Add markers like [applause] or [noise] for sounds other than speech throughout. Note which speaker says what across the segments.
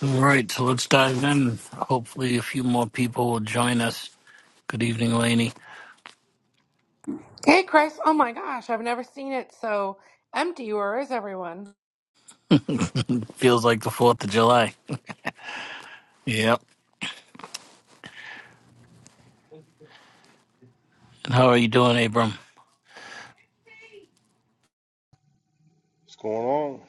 Speaker 1: All right, so let's dive in. Hopefully, a few more people will join us. Good evening, Laney.
Speaker 2: Hey, Chris. Oh my gosh, I've never seen it so empty. Where is everyone?
Speaker 1: Feels like the 4th of July. Yep. And how are you doing, Abram?
Speaker 3: What's going on?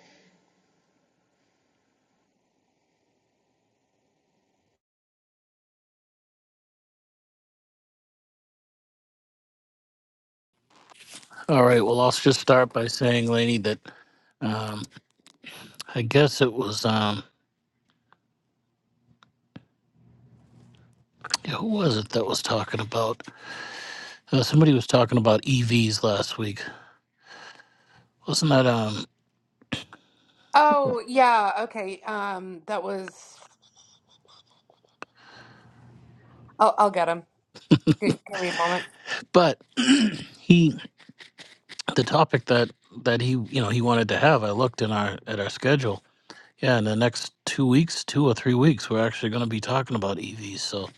Speaker 1: All right, well, I'll just start by saying, Laney, that um, I guess it was, um, yeah, who was it that was talking about? Uh, somebody was talking about EVs last week. Wasn't that, um,
Speaker 2: Oh, yeah. Okay. Um, that was. I'll, I'll get him. Give give me a moment.
Speaker 1: but [clears throat] he, the topic that, that he, you know, he wanted to have, I looked in our, at our schedule Yeah, in the next two weeks, two or three weeks, we're actually going to be talking about EVs. So,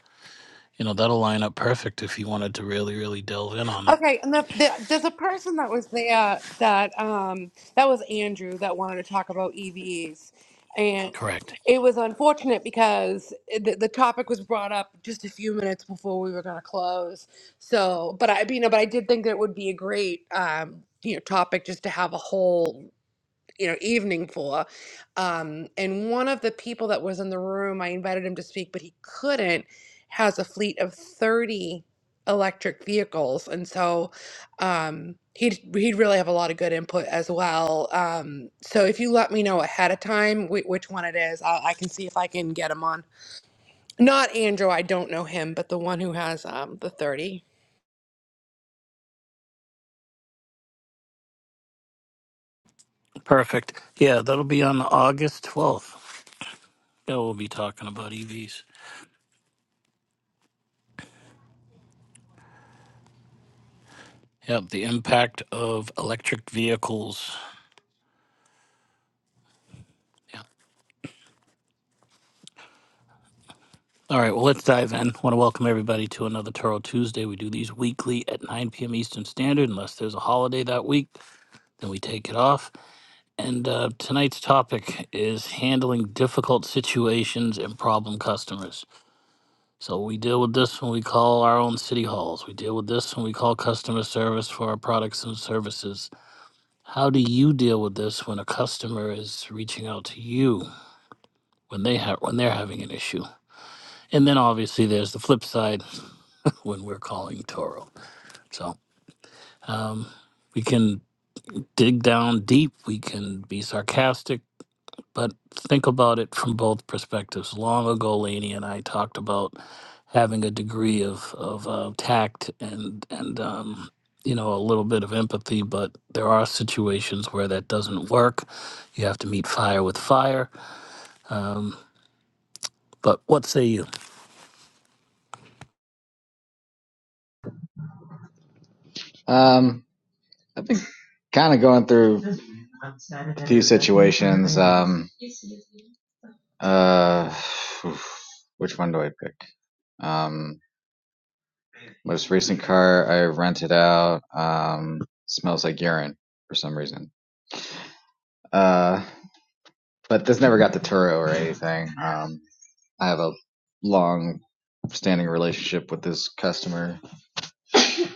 Speaker 1: you know, that'll line up perfect if you wanted to really, really delve in on it.
Speaker 2: Okay, and the, the, there's a person that was there that um that was Andrew that wanted to talk about EVs, and
Speaker 1: Correct.
Speaker 2: it was unfortunate because the, the topic was brought up just a few minutes before we were going to close. So, but I, you know, but I did think that it would be a great um you know topic just to have a whole you know evening for um and one of the people that was in the room i invited him to speak but he couldn't has a fleet of 30 electric vehicles and so um he'd he'd really have a lot of good input as well um so if you let me know ahead of time whi- which one it is i, I can see if i can get him on not andrew i don't know him but the one who has um the 30
Speaker 1: Perfect. Yeah, that'll be on August 12th. Yeah, we'll be talking about EVs. Yep, the impact of electric vehicles. Yeah. All right, well, let's dive in. want to welcome everybody to another Toro Tuesday. We do these weekly at 9 p.m. Eastern Standard, unless there's a holiday that week, then we take it off. And uh, tonight's topic is handling difficult situations and problem customers. So we deal with this when we call our own city halls. We deal with this when we call customer service for our products and services. How do you deal with this when a customer is reaching out to you when they have when they're having an issue? And then obviously there's the flip side [laughs] when we're calling Toro. So um, we can dig down deep. We can be sarcastic. but think about it from both perspectives. Long ago, Laney and I talked about having a degree of of uh, tact and and um, you know a little bit of empathy, but there are situations where that doesn't work. You have to meet fire with fire. Um, but what say you?
Speaker 4: Um, I've been kind of going through a few situations. Um, uh, which one do I pick? Um, most recent car I rented out um, smells like urine for some reason. Uh, but this never got to Turo or anything. Um, I have a long standing relationship with this customer.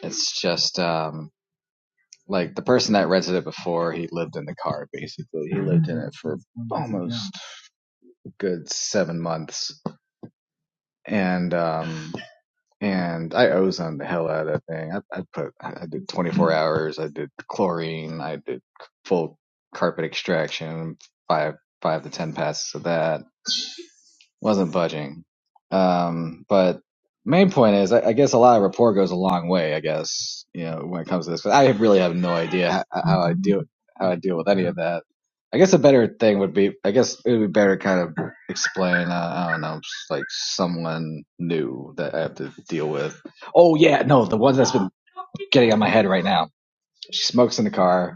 Speaker 4: It's just um, like the person that rented it before, he lived in the car basically. He lived in it for almost good seven months, and um, and I ozone the hell out of that thing. I, I put I did 24 hours. I did chlorine. I did full carpet extraction, five five to ten passes of that wasn't budging. Um, but main point is, I, I guess a lot of rapport goes a long way. I guess you know when it comes to this, 'cause I really have no idea how, how I deal how I deal with any of that. I guess a better thing would be, I guess it would be better to kind of explain. Uh, I don't know, like someone new that I have to deal with. Oh yeah, no, the one that's been getting on my head right now. She smokes in the car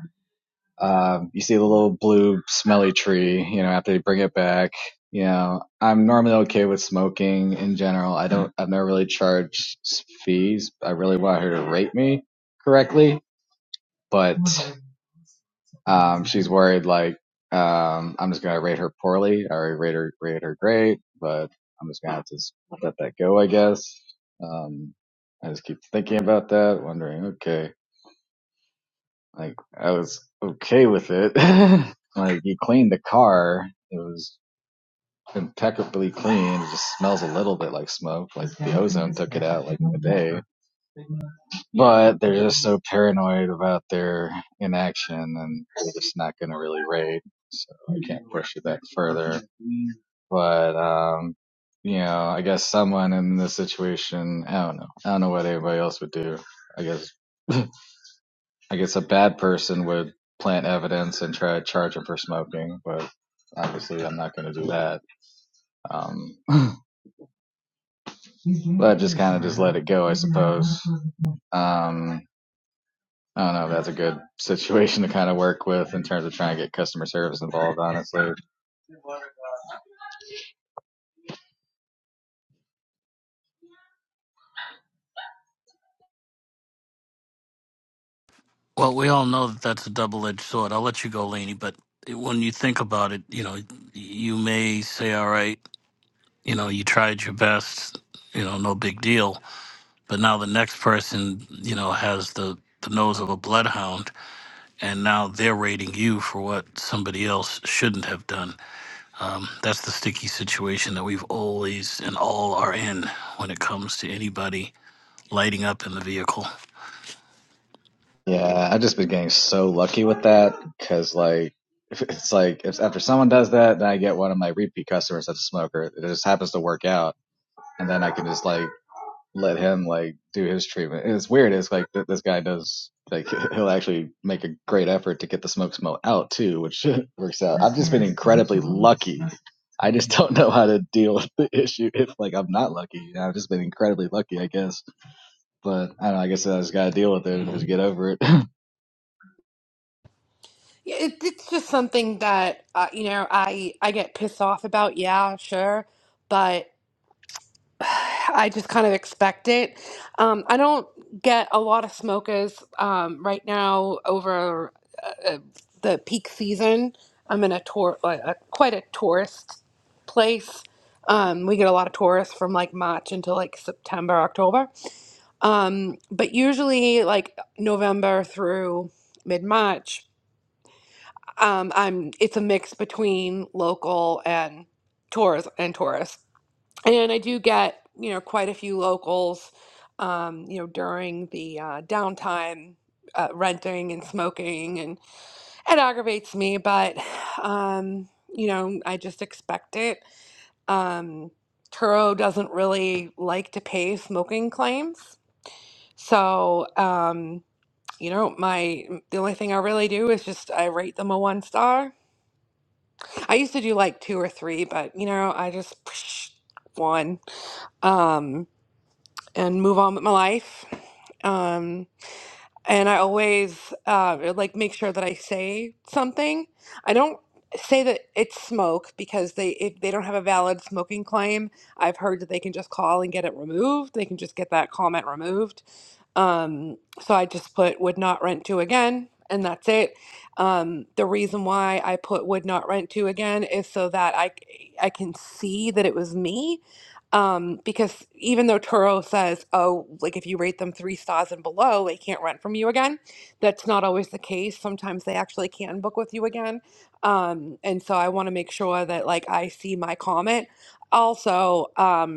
Speaker 4: um, you see the little blue smelly tree, you know, after they bring it back. You know, I'm normally okay with smoking in general. I don't, I've never really charged fees. I really want her to rate me correctly, but, um, she's worried like, um, I'm just going to rate her poorly. I already rate her, rate her great, but I'm just going to have to let that go, I guess. Um, I just keep thinking about that, wondering, okay. Like I was okay with it. [laughs] like you cleaned the car. It was impeccably clean. It just smells a little bit like smoke. Like the ozone took it out like in a day. But they're just so paranoid about their inaction and they're just not gonna really raid. So I can't push it back further. But um you know, I guess someone in this situation, I don't know. I don't know what anybody else would do. I guess. I guess a bad person would plant evidence and try to charge him for smoking, but obviously I'm not going to do that. Um, but just kind of just let it go, I suppose. Um, I don't know. That's a good situation to kind of work with in terms of trying to get customer service involved, honestly.
Speaker 1: Well, we all know that that's a double edged sword. I'll let you go, Laney, but it- when you think about it, you know, you may say, all right, you know, you tried your best, you know, no big deal but now the next person you know has the the nose of a bloodhound and now they're rating you for what somebody else shouldn't have done um, that's the sticky situation that we've always and all are in when it comes to anybody lighting up in the vehicle
Speaker 4: Yeah, I've just been getting so lucky with that because, like, it's like if after someone does that, then I get one of my repeat customers that's a smoker. It just happens to work out, and then I can just like let him like do his treatment. And it's weird. It's like th- this guy does like [laughs] he'll actually make a great effort to get the smoke smell out too, which [laughs] works out. I've just been incredibly lucky. I just [laughs] don't know how to deal with the issue if like I'm not lucky. You know, I've just been incredibly lucky, I guess. But I don't know. I guess I just gotta deal with it and just get over it. [laughs]
Speaker 2: Yeah, it, it's just something that uh, you know i i get pissed off about yeah sure but I just kind of expect it. Um, I don't get a lot of smokers um, right now over uh, uh, the peak season. I'm in a tour, like a, quite a tourist place. Um, we get a lot of tourists from like March until like September, October. Um, but usually, like November through mid March, um, I'm it's a mix between local and tours and tourists and I do get, you know, quite a few locals, um, you know, during the uh, downtime, uh, renting and smoking, and it aggravates me, but, um, you know, I just expect it. Um, Turo doesn't really like to pay smoking claims, so, um, you know, my the only thing I really do is just I rate them a one star. I used to do like two or three, but you know, I just [tsk] one. Um, and move on with my life. Um, and I always uh, like make sure that I say something. I don't say that it's smoke because they if they don't have a valid smoking claim, I've heard that they can just call and get it removed. They can just get that comment removed. Um, so I just put would not rent to again, and that's it. Um, the reason why I put would not rent to again is so that I I can see that it was me. Um, because even though Turo says, oh, like if you rate them three stars and below, they can't rent from you again, that's not always the case. Sometimes they actually can book with you again. Um, and so I want to make sure that like I see my comment. Also, um,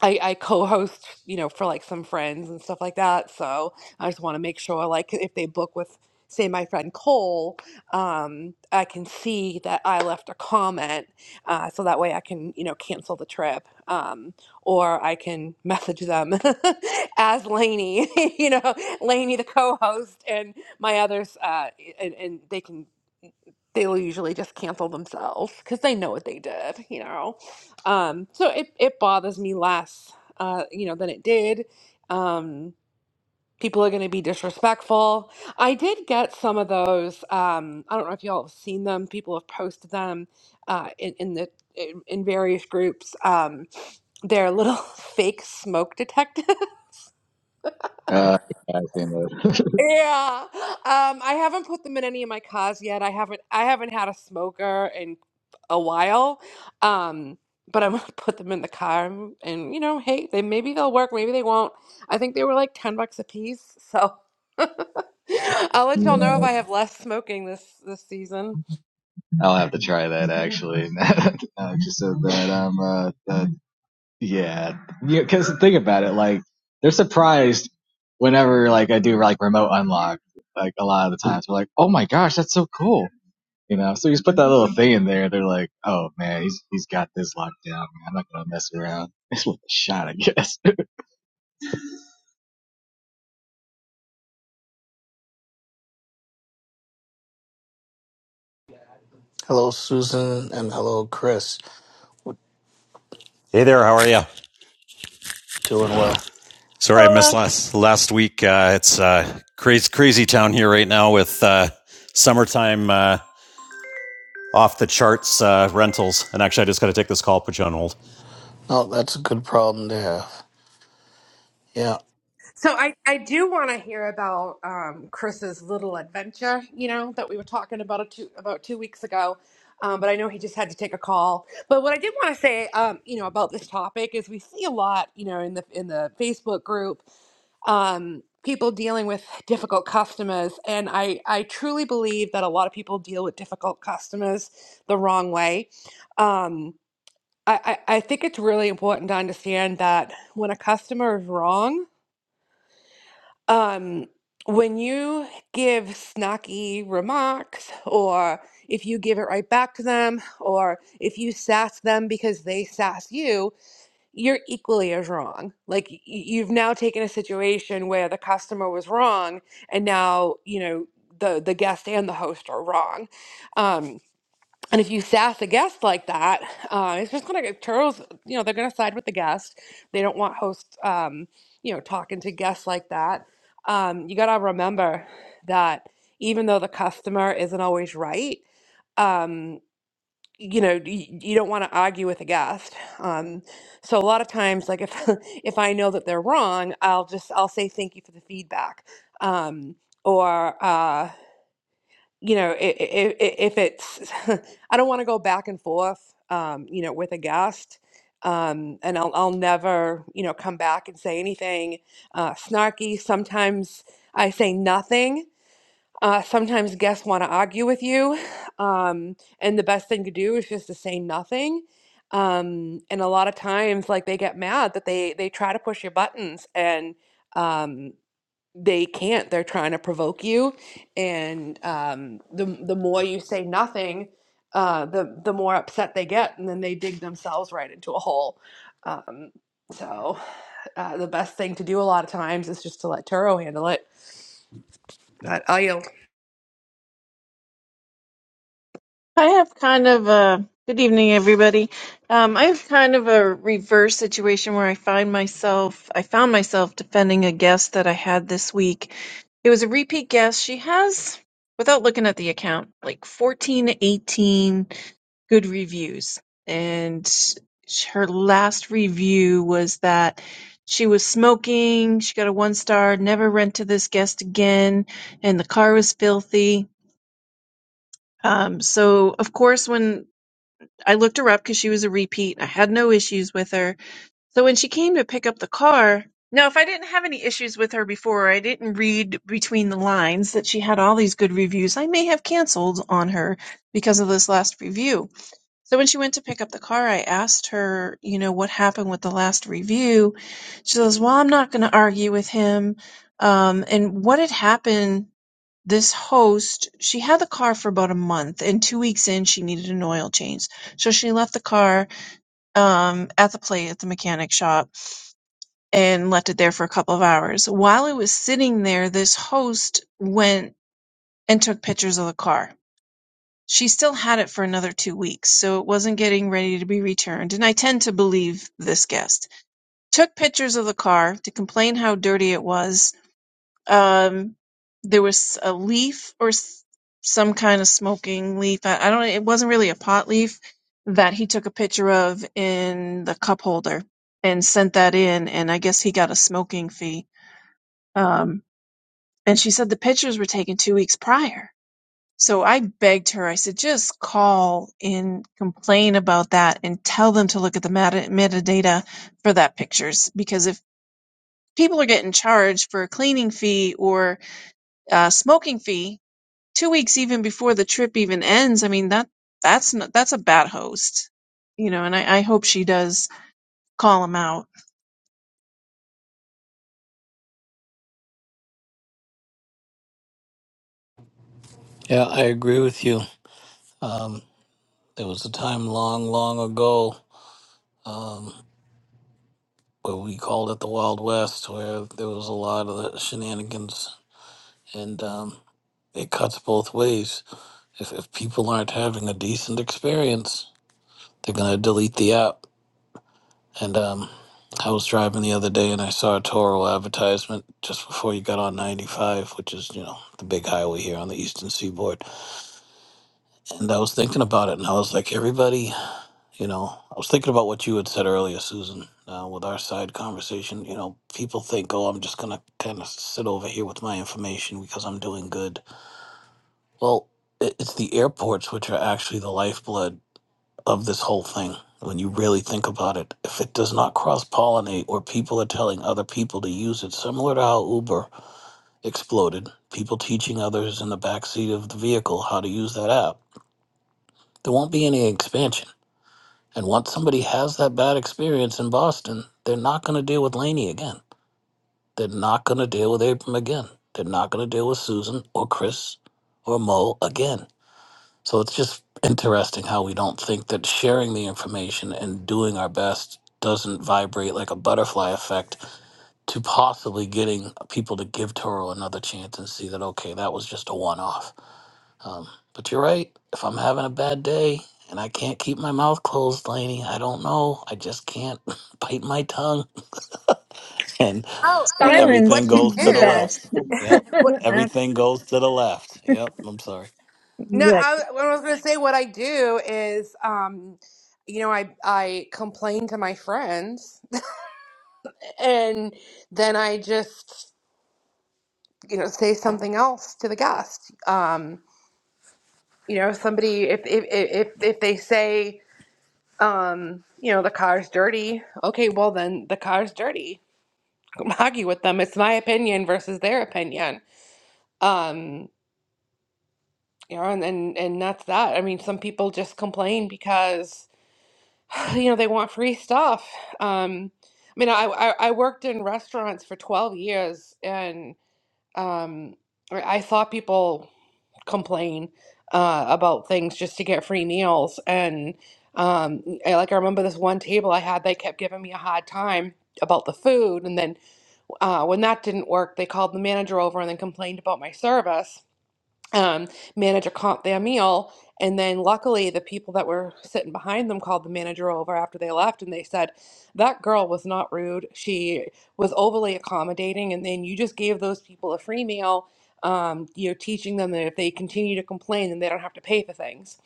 Speaker 2: I, I co-host, you know, for like some friends and stuff like that. So I just want to make sure, like, if they book with, say, my friend Cole, um, I can see that I left a comment, uh, so that way I can, you know, cancel the trip, um, or I can message them [laughs] as Lainey, [laughs] you know, Lainey the co-host and my others, uh, and, and they can they will usually just cancel themselves because they know what they did, you know. Um, so it, it bothers me less, uh, you know, than it did. Um, people are going to be disrespectful. I did get some of those. Um, I don't know if y'all have seen them. People have posted them uh, in, in the in in various groups. Um, they're little [laughs] fake smoke detectors
Speaker 4: Uh, I've seen that.
Speaker 2: Yeah. Um, I haven't put them in any of my cars yet. I haven't I haven't had a smoker in a while. Um, but I'm gonna [laughs] put them in the car and, and, you know, hey, they maybe they'll work, maybe they won't. I think they were like 10 bucks a piece, so [laughs] I'll let y'all know if I have less smoking this this season.
Speaker 4: [laughs] I'll have to try that actually. [laughs] now that said that, I'm uh, uh, Yeah, Yeah, because think about it, like they're surprised whenever like I do like remote unlock. Like a lot of the times, we're like, "Oh my gosh, that's so cool," you know. So you just put that little thing in there, they're like, "Oh man, he's he's got this locked down. Man. I'm not gonna mess around. [laughs] It's worth a shot, I guess."
Speaker 1: hello susan and hello chris We're
Speaker 5: Hey there, how are you?
Speaker 1: doing well
Speaker 5: Sorry I missed
Speaker 6: Hola.
Speaker 5: last last week. Uh, it's uh, crazy crazy town here right now with uh, summertime uh, off the charts uh, rentals. And actually, I just got to take this call, put you on hold.
Speaker 1: no that's a good problem to have yeah
Speaker 2: So I, I do want to hear about um, Chris's little adventure, you know, that we were talking about a two, about two weeks ago. Um, but I know he just had to take a call. But what I did want to say, um, you know, about this topic is we see a lot, you know, in the in the Facebook group, um, people dealing with difficult customers, and I I truly believe that a lot of people deal with difficult customers the wrong way. Um, I, I I think it's really important to understand that when a customer is wrong um, when you give snacky remarks, or if you give it right back to them, or if you sass them because they sass you, you're equally as wrong. Like y- you've now taken a situation where the customer was wrong, and now you know the the guest and the host are wrong. Um, and if you sass a guest like that, uh, it's just gonna get turtles. You know, they're gonna side with the guest. They don't want hosts, um, you know, talking to guests like that. Um, you gotta remember that even though the customer isn't always right, um, you know, you, you don't want to argue with a guest. Um, so a lot of times, like if [laughs] if I know that they're wrong, I'll just I'll say thank you for the feedback, um, or uh, you know, if, if it's, [laughs] I don't want to go back and forth, um, you know, with a guest. Um, and I'll, I'll never, you know, come back and say anything uh, snarky. Sometimes I say nothing. Uh, sometimes guests want to argue with you. [sighs] Um, and the best thing to do is just to say nothing. Um, and a lot of times, like, they get mad that they, they try to push your buttons. And, um, they can't. They're trying to provoke you, and um, the the more you say nothing, uh, the the more upset they get, and then they dig themselves right into a hole. Um, so uh, the best thing to do a lot of times is just to let Turo handle it. But I yield.
Speaker 6: I have kind of a good evening, everybody. Um, I have kind of a reverse situation where I find myself, I found myself defending a guest that I had this week. It was a repeat guest. She has, without looking at the account, like 14 to 18 good reviews. And sh- her last review was that she was smoking. She got a one star, never rent to this guest again. And the car was filthy Um, so of course, when I looked her up because she was a repeat, I had no issues with her. So when she came to pick up the car, now if I didn't have any issues with her before, I didn't read between the lines that she had all these good reviews. I may have canceled on her because of this last review. So when she went to pick up the car, I asked her, you know, what happened with the last review. She says, "Well, I'm not going to argue with him." Um, and what had happened this host she had the car for about a month and two weeks in she needed an oil change so she left the car um, at the plate at the mechanic shop and left it there for a couple of hours while it was sitting there this host went and took pictures of the car she still had it for another two weeks so it wasn't getting ready to be returned and i tend to believe this guest took pictures of the car to complain how dirty it was um there was a leaf or s- some kind of smoking leaf i I don't it wasn't really a pot leaf that he took a picture of in the cup holder and sent that in and i guess he got a smoking fee um and she said the pictures were taken two weeks prior so i begged her i said just call and complain about that and tell them to look at the meta- metadata for that pictures because if people are getting charged for a cleaning fee or a smoking fee two weeks even before the trip even ends. I mean that that's not, that's a bad host, you know. And I, I hope she does call him out.
Speaker 1: yeah i agree with you um, there was a time long long ago what we called it the Wild West, where there was a lot of the shenanigans, and um, it cuts both ways. If, if people aren't having a decent experience, they're gonna delete the app. And um, I was driving the other day, and I saw a Toro advertisement just before you got on 95, which is you know the big highway here on the Eastern Seaboard. And I was thinking about it, and I was like, everybody You know, I was thinking about what you had said earlier, Susan, uh, with our side conversation. You know, people think, oh, I'm just going to kind of sit over here with my information because I'm doing good. Well, it- it's the airports which are actually the lifeblood of this whole thing. When you really think about it, if it does not cross pollinate or people are telling other people to use it, similar to how Uber exploded, people teaching others in the backseat of the vehicle how to use that app, there won't be any expansion And once somebody has that bad experience in Boston, they're not going to deal with Laney again. They're not going to deal with Abram again. They're not going to deal with Susan or Chris or Mo again. So it's just interesting how we don't think that sharing the information and doing our best doesn't vibrate like a butterfly effect to possibly getting people to give Toro another chance and see that, okay, that was just a one off um, but you're right. If I'm having a bad day and I can't keep my mouth closed, Laney, I don't know. I just can't [laughs] bite my tongue, [laughs] and
Speaker 2: Oh, I mean, what
Speaker 1: everything
Speaker 2: you
Speaker 1: goes to
Speaker 6: The
Speaker 1: the
Speaker 6: best.
Speaker 1: left.
Speaker 2: do?
Speaker 1: Yep,
Speaker 2: [laughs] what,
Speaker 6: I,
Speaker 1: everything goes to the left. Yep, I'm sorry.
Speaker 2: No, I, what I was going to say, what I do is, um, you know, I I complain to my friends, [laughs] and then I just you know say something else to the guest um you know somebody if if if, if they say um you know the car's dirty okay well then the car's dirty Don't [laughs] argue with them it's my opinion versus their opinion um you know and and, and that's that i mean some people just complain because [sighs] you know they want free stuff um i mean i i, I worked in restaurants for 12 years and um I I saw people complain uh, about things just to get free meals. And um, I, like I remember this one table I had, they kept giving me a hard time about the food. And then uh, when that didn't work, they called the manager over and then complained about my service um, manager comped their meal. And then luckily, the people that were sitting behind them called the manager over after they left and they said, That girl was not rude. She was overly accommodating. And then you just gave those people a free meal. Um, you're teaching them that if they continue to complain, then they don't have to pay for things.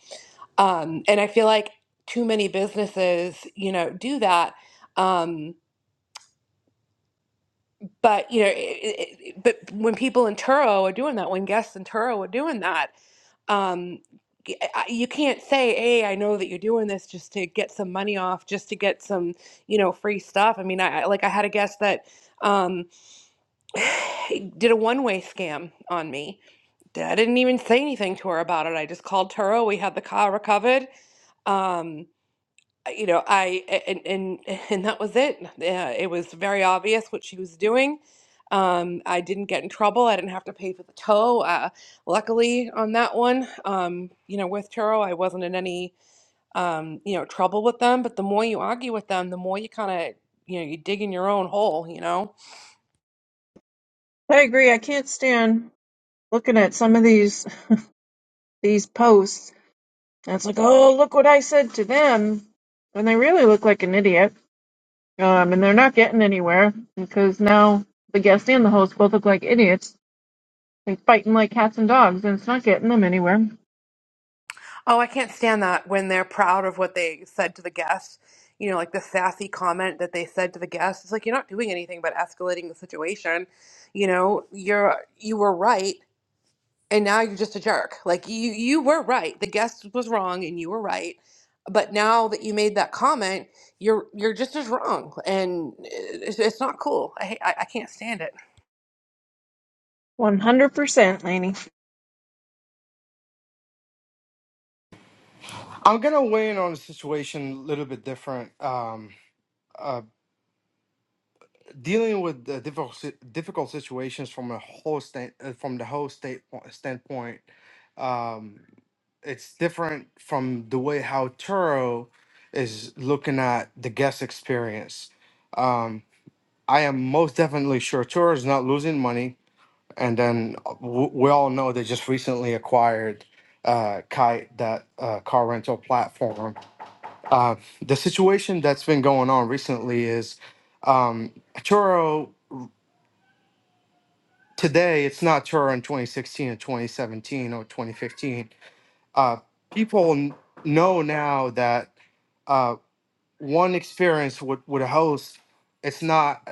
Speaker 2: Um, and I feel like too many businesses, you know, do that. Um, but you know, it, it, it- but when people in Turo are doing that, when guests in Turo are doing that, um, y- I- you can't say, "Hey, I know that you're doing this just to get some money off, just to get some, you know, free stuff." I mean, I I- like I had a guest that um, [sighs] did a one-way scam on me. I didn't even say anything to her about it. I just called Turo. We had the car recovered. Um, you know, I and and [laughs] and that was it. Yeah, it was very obvious what she was doing. Um, I didn't get in trouble. I didn't have to pay for the tow. Uh, luckily on that one, um, you know, with Turo, I wasn't in any um, you know, trouble with them. But the more you argue with them, the more you kind of, you know, you dig in your own hole, you know.
Speaker 6: I agree. I can't stand looking at some of these these posts. And it's like, oh, look what I said to them, and they really look like an idiot. Um, and they're not getting anywhere because now the guest and the host both look like idiots He's fighting like cats and dogs, and it's not getting them anywhere.
Speaker 2: Oh, I can't stand that when they're proud of what they said to the guest. You know, like the sassy comment that they said to the guest. It's like you're not doing anything but escalating the situation. You know, you're you were right and now you're just a jerk. Like you you were right. The guest was wrong and you were right. But now that you made that comment, you're you're just as wrong and uh, it's, it's not cool. I, hate- I I can't stand it.
Speaker 6: One hundred percent, Lainey. See,
Speaker 7: I'm gonna weigh in on a situation a little bit different. Um, uh, dealing with the difficult si- difficult situations from a whole stand uh, from the whole state standpoint, um, it's different from the way how Turo is looking at the guest experience. Um, I am most definitely sure Turo is not losing money, and then uh, w- we all know they just recently acquired uh, Kite, that uh, car rental platform Uh, the situation that's been going on recently is um, Turo today, it's not Turo in 2016 or 2017 or 2015. Uh, people n- know now that uh, one experience with, with a host, it's not.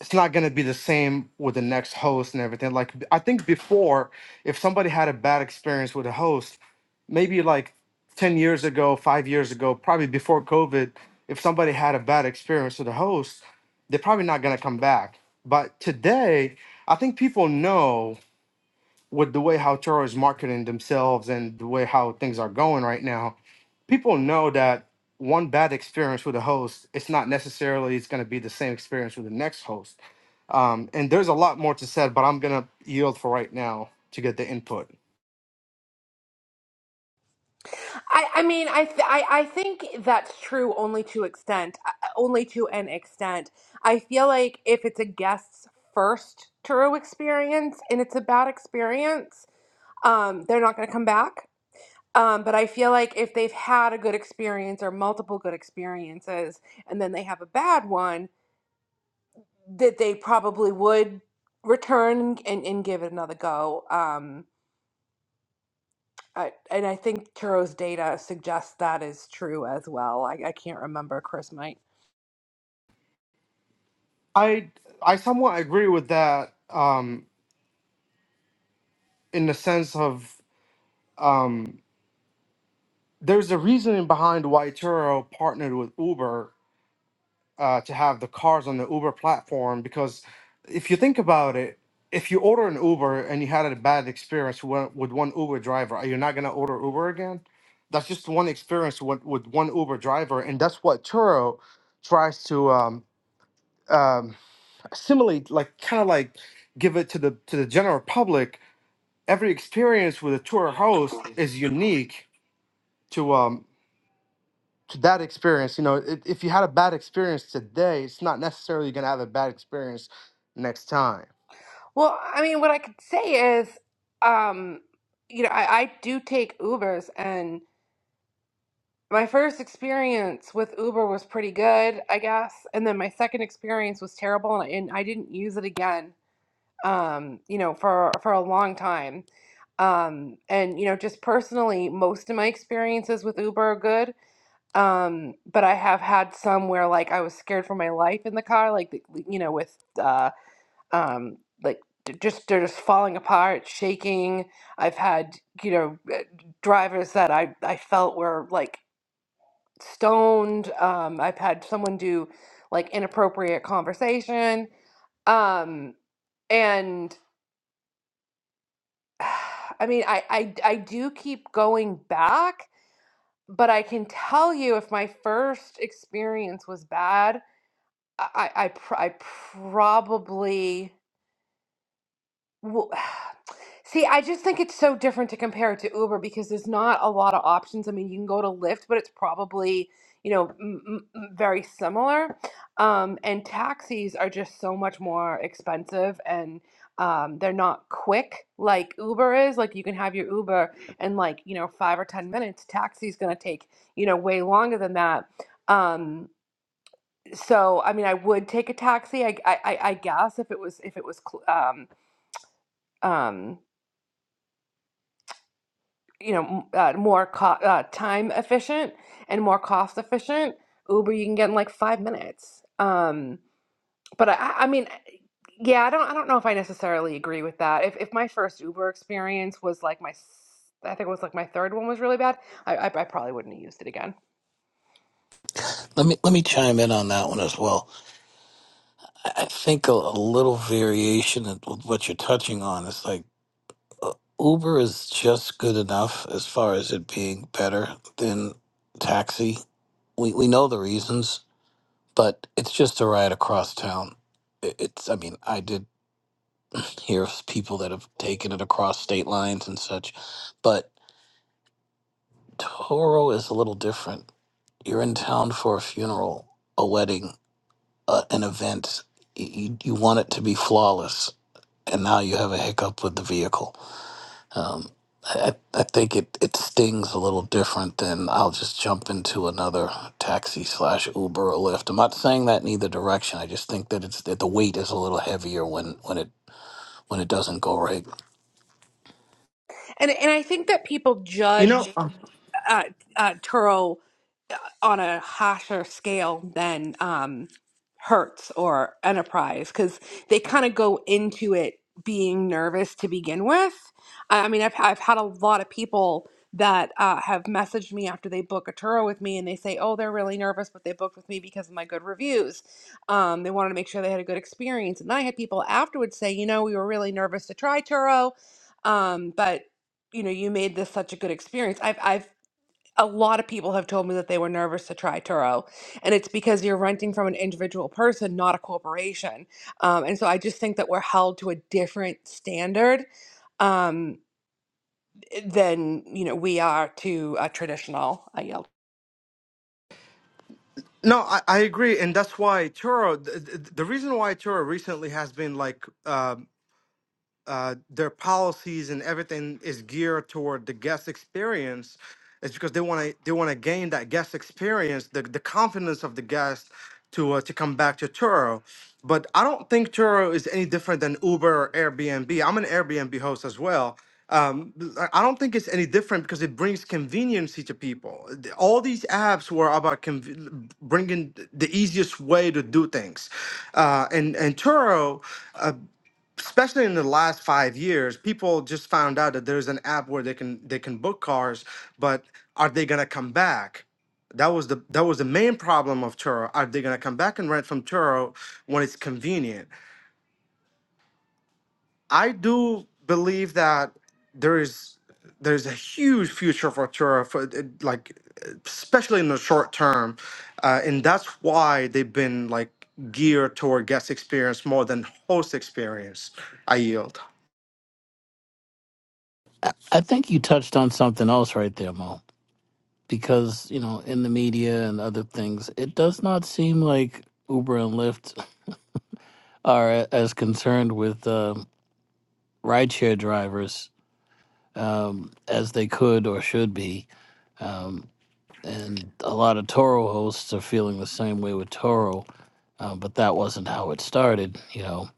Speaker 7: it's not going to be the same with the next host and everything. Like b- I think before, if somebody had a bad experience with a host, maybe like ten years ago, five years ago, probably before COVID, if somebody had a bad experience with a host, they're probably not going to come back. But today, I think people know with the way how Turo is marketing themselves and the way how things are going right now, people know that one bad experience with a host, it's not necessarily it's going to be the same experience with the next host um, and there's a lot more to said, but I'm gonna yield for right now to get the input.
Speaker 2: I, I mean, I, th- I, I think that's true only to extent, uh, uh, only to an extent. I feel like if it's a guest's first Turo experience and it's a bad experience, um, they're not going to come back. Um, but I feel like if they've had a good experience or multiple good experiences and then they have a bad one, that they probably would return and, and give it another go. Um, I, and I think Turo's data suggests that is true as well. I, I can't remember Chris might.
Speaker 7: I I somewhat agree with that um, in the sense of um, there's a reasoning behind why Turo partnered with Uber uh, to have the cars on the Uber platform because if you think about it, if you order an Uber and you had a bad experience wi- with one Uber driver, are you not gonna order Uber again? That's just one experience with, with one Uber driver, and that's what Turo tries to um, um, assimilate like kind of like give it to the to the general public every experience with a tour host is unique to um to that experience you know if, if you had a bad experience today it's not necessarily going to have a bad experience next time
Speaker 2: Well, I mean, what I could say is, um, you know, I, I do take Ubers, and my first experience with Uber was pretty good, I guess, and then my second experience was terrible, and and I didn't use it again. Um, you know, for for a long time. Um, and you know, just personally, most of my experiences with Uber are good Um, but I have had some where like I was scared for my life in the car, like the- like, you know, with uh, um, like d- just they're just falling apart, shaking. I've had you know eh, drivers that I I felt were like stoned. Um, I've had someone do like inappropriate conversation. Um, and [sighs] I mean, I I I do keep going back, but I can tell you if my first experience was bad. I I I, pr- I probably well, [sighs] see. I just think it's so different to compare it to Uber because there's not a lot of options. I mean, you can go to Lyft, but it's probably you know m- m- m- very similar. Um, and taxis are just so much more expensive and. Um, they're not quick like Uber is. Like you can have your Uber in like you know five or ten minutes. Taxi's gonna take you know way longer than that. Um, so I mean, I would take a taxi. I I, I I guess if it was if it was cl- um um you know m- uh, more co- uh, time efficient and more cost efficient. Uber you can get in like five minutes. Um, but I I I mean. Yeah, I don't. I don't know if I necessarily agree with that. If if my first Uber experience was like my, s- I think it was like my third one was really bad. I I, I probably wouldn't have used it again.
Speaker 1: Let me let me chime in on that one as well. I I think a, a little variation of what you're touching on is like Uber is just good enough as far as it being better than taxi. We we know the reasons but it's just a ride across town. I- It's, I mean, I did [laughs] [clears throat] hear of people that have taken it across state lines and such, but Toro is a little different. You're in town for a funeral, a wedding, uh, an event. You, you want it to be flawless, and now you have a hiccup with the vehicle. Um, I, I I think it, it stings a little different than I'll just jump into another taxi slash Uber or Lyft. I'm not saying that in either direction. I just think that it's that the weight is a little heavier when, when it when it doesn't go right.
Speaker 2: And and I think that people
Speaker 7: you know
Speaker 2: judge
Speaker 7: um,
Speaker 2: uh, uh, Turo uh, on a harsher scale than um, Hertz or Enterprise because they kind of go into it being nervous to begin with. I I mean, I've, I've had a lot of people that uh, have messaged me after they book a Turo with me and they say, oh, they're really nervous, but they booked with me because of my good reviews. Um, they wanted to make sure they had a good experience. And I had people afterwards say, you know, we were really nervous to try Turo, um, but you know, you made this such a good experience. I've I've a lot of people have told me that they were nervous to try Turo, and it's because you're renting from an individual person, not a corporation. Um, and so I just think that we're held to a different standard um, than you know we are to a traditional. I yelled.
Speaker 7: no I, I agree and that's why turo the, the reason why turo recently has been like um uh, their policies and everything is geared toward the guest experience it's because they want to they want to gain that guest experience the, the confidence of the guest to uh, to come back to Turo but I don't think Turo is any different than Uber or Airbnb I'm an Airbnb host as well um, I I don't think it's any different because it brings conveniency to people. The- All these apps were about conv- bringing the easiest way to do things, uh, and and Turo. uh, especially in the last five years, people just found out that there's an app where they can they can book cars, but are they gonna come back? That was the that was the main problem of Turo. Are they gonna come back and rent from Turo when it's convenient? I do believe that there is there's a huge future for Turo for uh, like especially in the short term, uh, and that's why they've been like geared toward guest experience more than host experience. I yield.
Speaker 1: I, I think you touched on something else right there, Mo, because you know in the media and other things, it does not seem like Uber and Lyft are a- as concerned with uh, rideshare drivers um, as they could or should be. and a lot of Toro hosts are feeling the same way with Toro, um, but that wasn't how it started, you know.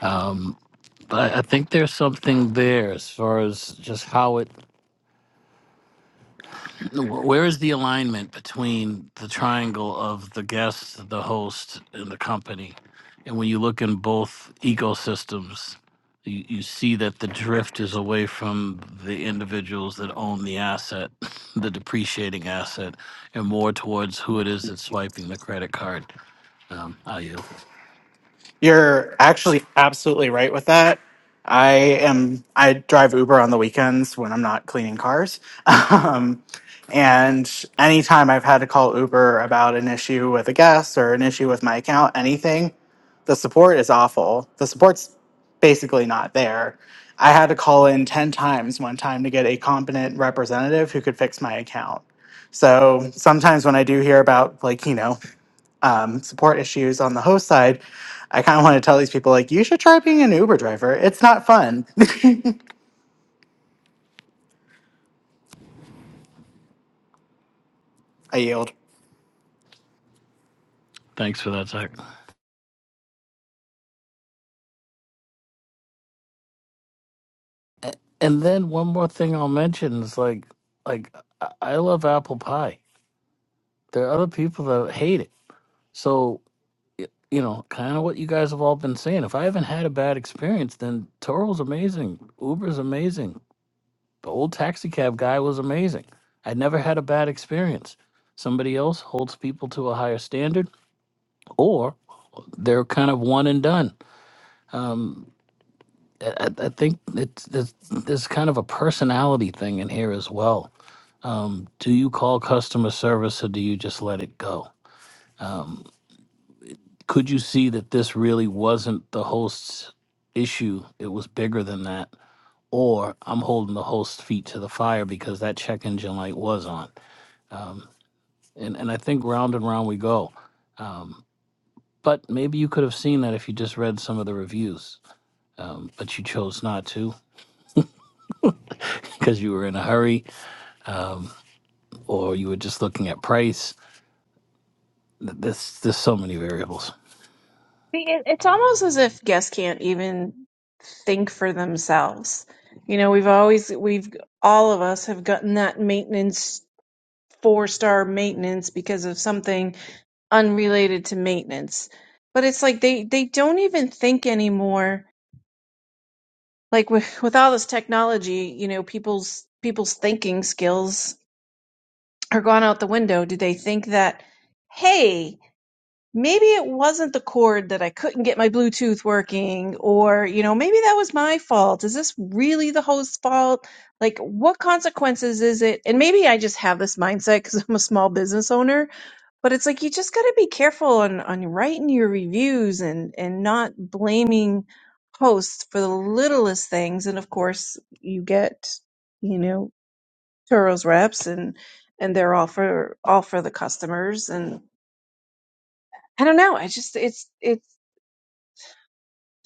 Speaker 1: Um, but I, I think there's something there as far as just how it Where is the alignment between the triangle of the guest, the host, and the company? And when you look in both ecosystems, you, you see that the drift is away from the individuals that own the asset, [laughs] the depreciating asset, and more towards who it is that's swiping the credit card. Um, I yield.
Speaker 8: You're actually absolutely right with that. I am. I drive Uber on the weekends when I'm not cleaning cars. [laughs] Um, and anytime I've had to call Uber about an issue with a guest or an issue with my account, anything, the support is awful. The support's basically not there. I had to call in 10 times one time to get a competent representative who could fix my account. So sometimes when I do hear about, like, you know, um, support issues on the host side, I kind of want to tell these people like you should try being an Uber driver. It's not fun. [laughs] I yield.
Speaker 1: Thanks for that, Zach. A- And then one more thing I'll mention is like, like I I love apple pie. There are other people that hate it. So you know, kind of what you guys have all been saying. If I haven't had a bad experience, then Toro's amazing. Uber's amazing. The old taxi cab guy was amazing. I never had a bad experience. Somebody else holds people to a higher standard, or they're kind of one and done. Um, I, I I think it's, there's, there's kind of a personality thing in here as well. Um, do you call customer service or do you just let it go? Um, could you see that this really wasn't the host's issue? It was bigger than that. Or I'm holding the host's feet to the fire because that check engine light was on. Um, and, and I think round and round we go. Um, but maybe you could have seen that if you just read some of the reviews. Um, but you chose not to [laughs] because you were in a hurry um, or you were just looking at price. Th- There's, there's so many variables.
Speaker 6: it- It's almost as if guests can't even think for themselves. You know, we've always, we've, all of us have gotten that maintenance, four star maintenance because of something unrelated to maintenance. But it's like they they don't even think anymore. Like with with all this technology, you know, people's people's thinking skills are gone out the window. Do they think that hey, maybe it wasn't the cord that I couldn't get my bluetooth working or, you know, maybe that was my fault. Is this really the host's fault? Like what consequences is it? And maybe I just have this mindset cuz [laughs] I'm a small business owner but it's like you just got to be careful on on writing your reviews and and not blaming hosts for the littlest things and of course you get you know Turo's reps and and they're all for all for the customers and I don't know I just it's it's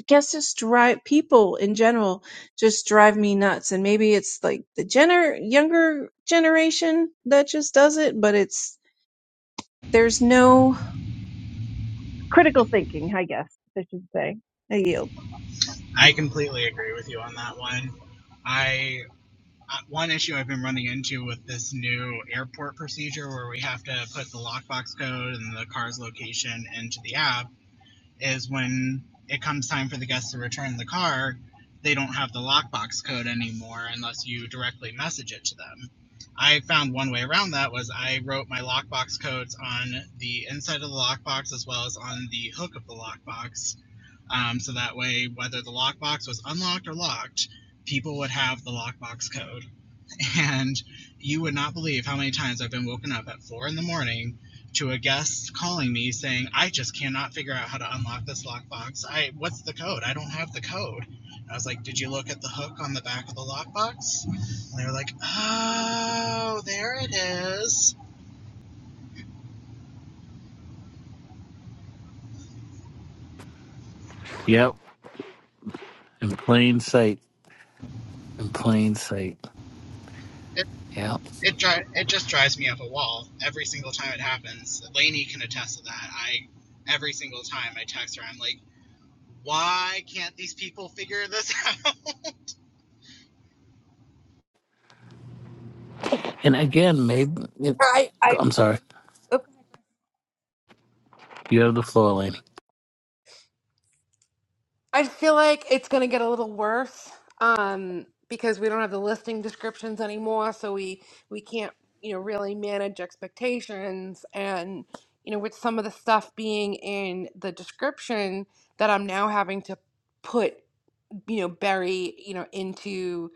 Speaker 6: guess just drive people in general just drive me nuts and maybe it's like the gener younger generation that just does it but it's there's no critical thinking I guess I should say I yield
Speaker 8: I completely agree with you on that one. I uh, one issue I've been running into with this new airport procedure where we have to put the lockbox code and the car's location into the app is when it comes time for the guests to return the car, they don't have the lockbox code anymore unless you directly message it to them. I found one way around that was I wrote my lockbox codes on the inside of the lockbox as well as on the hook of the lockbox. Um, so that way, whether the lockbox was unlocked or locked, people would have the lockbox code. And you would not believe how many times I've been woken up at four in the morning to a guest calling me saying, I just cannot figure out how to unlock this lockbox. I what's the code? I don't have the code. And I was like, Did you look at the hook on the back of the lockbox? And they were like, Oh, there it is.
Speaker 1: Yep. In plain sight. In plain sight.
Speaker 8: It
Speaker 1: Yep.
Speaker 8: it dri- it just drives me up a wall every single time it happens. Lainey can attest to that. I every single time I text her, I'm like, why can't these people figure this out?" [laughs]
Speaker 1: And again, maybe it,
Speaker 2: I,
Speaker 1: I'm
Speaker 2: I,
Speaker 1: sorry. You have the floor, Laney.
Speaker 2: I feel like it's going to get a little worse um, because we don't have the listing descriptions anymore, so we we can't you know really manage expectations and you know with some of the stuff being in the description that I'm now having to put you know bury you know into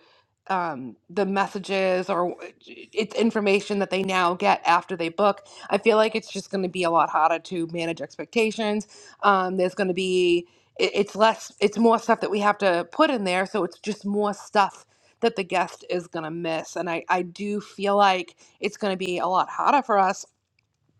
Speaker 2: um the messages or it's information that they now get after they book i feel like it's just going to be a lot harder to manage expectations um there's going to be it, it's less it's more stuff that we have to put in there so it's just more stuff that the guest is going to miss and i i do feel like it's going to be a lot harder for us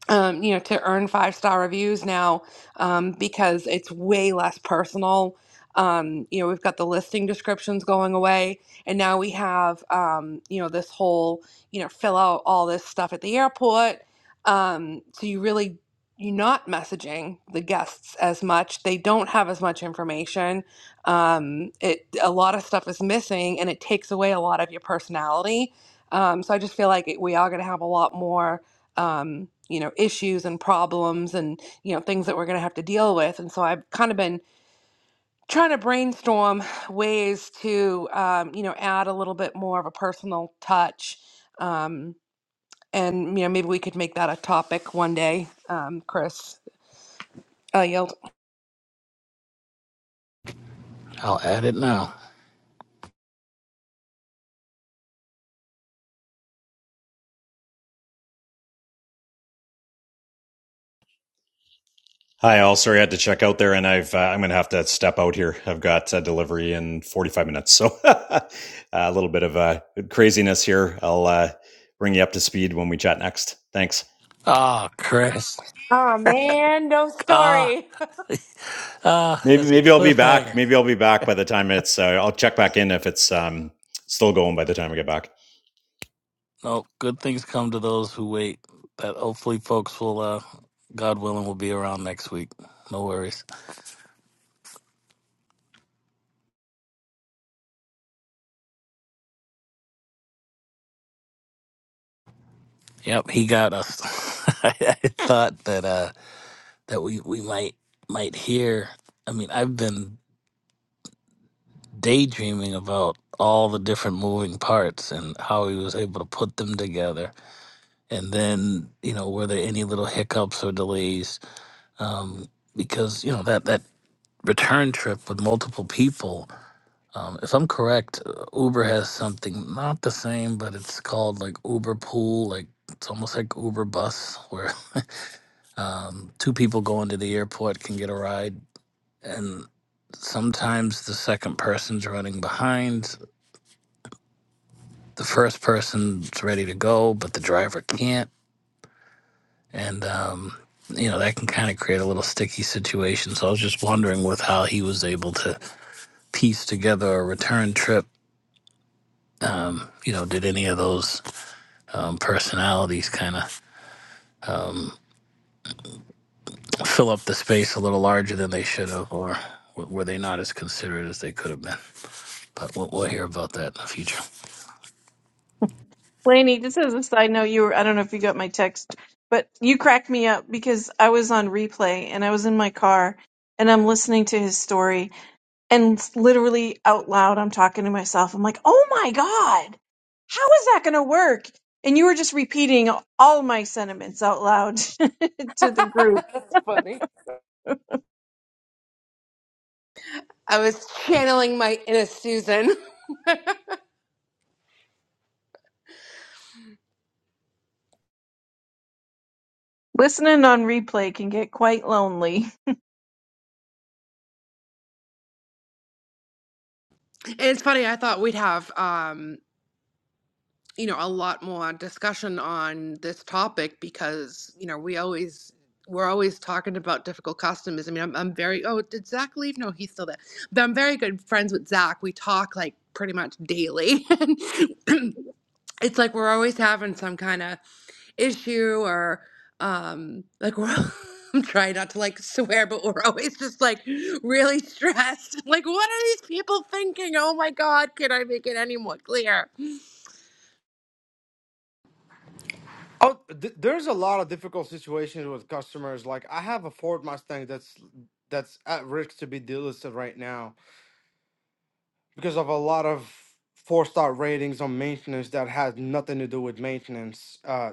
Speaker 2: um, you know, to earn five star reviews now um, because it's way less personal. Um, you know, we've got the listing descriptions going away, and now we have, um, you know, this whole, you know, fill out all this stuff at the airport. Um, so you really, you're not messaging the guests as much. They don't have as much information. Um, it a lot of stuff is missing, and it takes away a lot of your personality. Um, so I just feel like it, we are going to have a lot more um, you know, issues and problems and, you know, things that we're going to have to deal with. And so I've kind of been trying to brainstorm ways to, um, you know, add a little bit more of a personal touch. Um, and, you know, maybe we could make that a topic one day, um, Chris. I yelled,
Speaker 1: I'll add it now.
Speaker 5: Hi, all. Sorry I had to check out there, and I've uh, I'm gonna have to step out here. I've got uh, delivery in 45 minutes, so [laughs] a little bit of uh, craziness here. I'll uh, bring you up to speed when we chat next. Thanks.
Speaker 1: Ah, Chris.
Speaker 2: oh man, no
Speaker 1: Ah,
Speaker 2: story. [laughs]
Speaker 1: ah,
Speaker 5: Maybe
Speaker 1: that's a
Speaker 5: maybe I'll be back.
Speaker 1: cliffhanger.
Speaker 5: Maybe I'll be back by the time it's. Uh, I'll check back in if it's um, still going by the time I get back.
Speaker 1: No, good things come to those who wait. That hopefully, folks will, uh, God willing, will be around next week. No worries. Yep, he got us. [laughs] I, I thought that uh, that we we might might hear. I mean, I've been daydreaming about all the different moving parts and how he was able to put them together and then you know were there any little hiccups or delays um, because you know that that return trip with multiple people um, if i'm correct uh, uber has something not the same but it's called like uber pool like it's almost like uber bus where [laughs] um, two people going to the airport can get a ride and sometimes the second person's running behind the first person's ready to go but the driver can't and um, you know that can kind of create a little sticky situation. So I was just wondering with how he was able to piece together a return trip. Um, you know, did any of those um, personalities kind of um, fill up the space a little larger than they should have, or w- were they not as considerate as they could have been? But we'll, we'll hear about that in the future.
Speaker 6: Laney, just as a side note, you were, I don't know if you got my text, but you cracked me up because I was on replay and I was in my car and I'm listening to his story and s- literally out loud, I'm talking to myself. I'm like, oh my God, how is that going to work? And you were just repeating all my sentiments out loud [laughs] to the group.
Speaker 2: That's funny. I was channeling my inner Susan. [laughs]
Speaker 6: Listening on replay can get quite lonely.
Speaker 2: And it's funny, I thought we'd have, um. you know, a lot more discussion on this topic because, you know, we always we're always talking about difficult customers. I mean, I'm, I'm very oh, did Zach leave? No, he's still there. But I'm very good friends with Zach. We talk like pretty much daily. [laughs] it's like we're always having some kind of issue or um like we're [laughs] I'm trying not to like swear, but we're always just like really stressed. [laughs] Like, what are these people thinking? Oh my God, can I make it any more clear?
Speaker 7: Oh, th- there's a lot of difficult situations with customers. Like I have a Ford Mustang that's that's at risk to be delisted right now because of a lot of four star ratings on maintenance that had nothing to do with maintenance. Uh,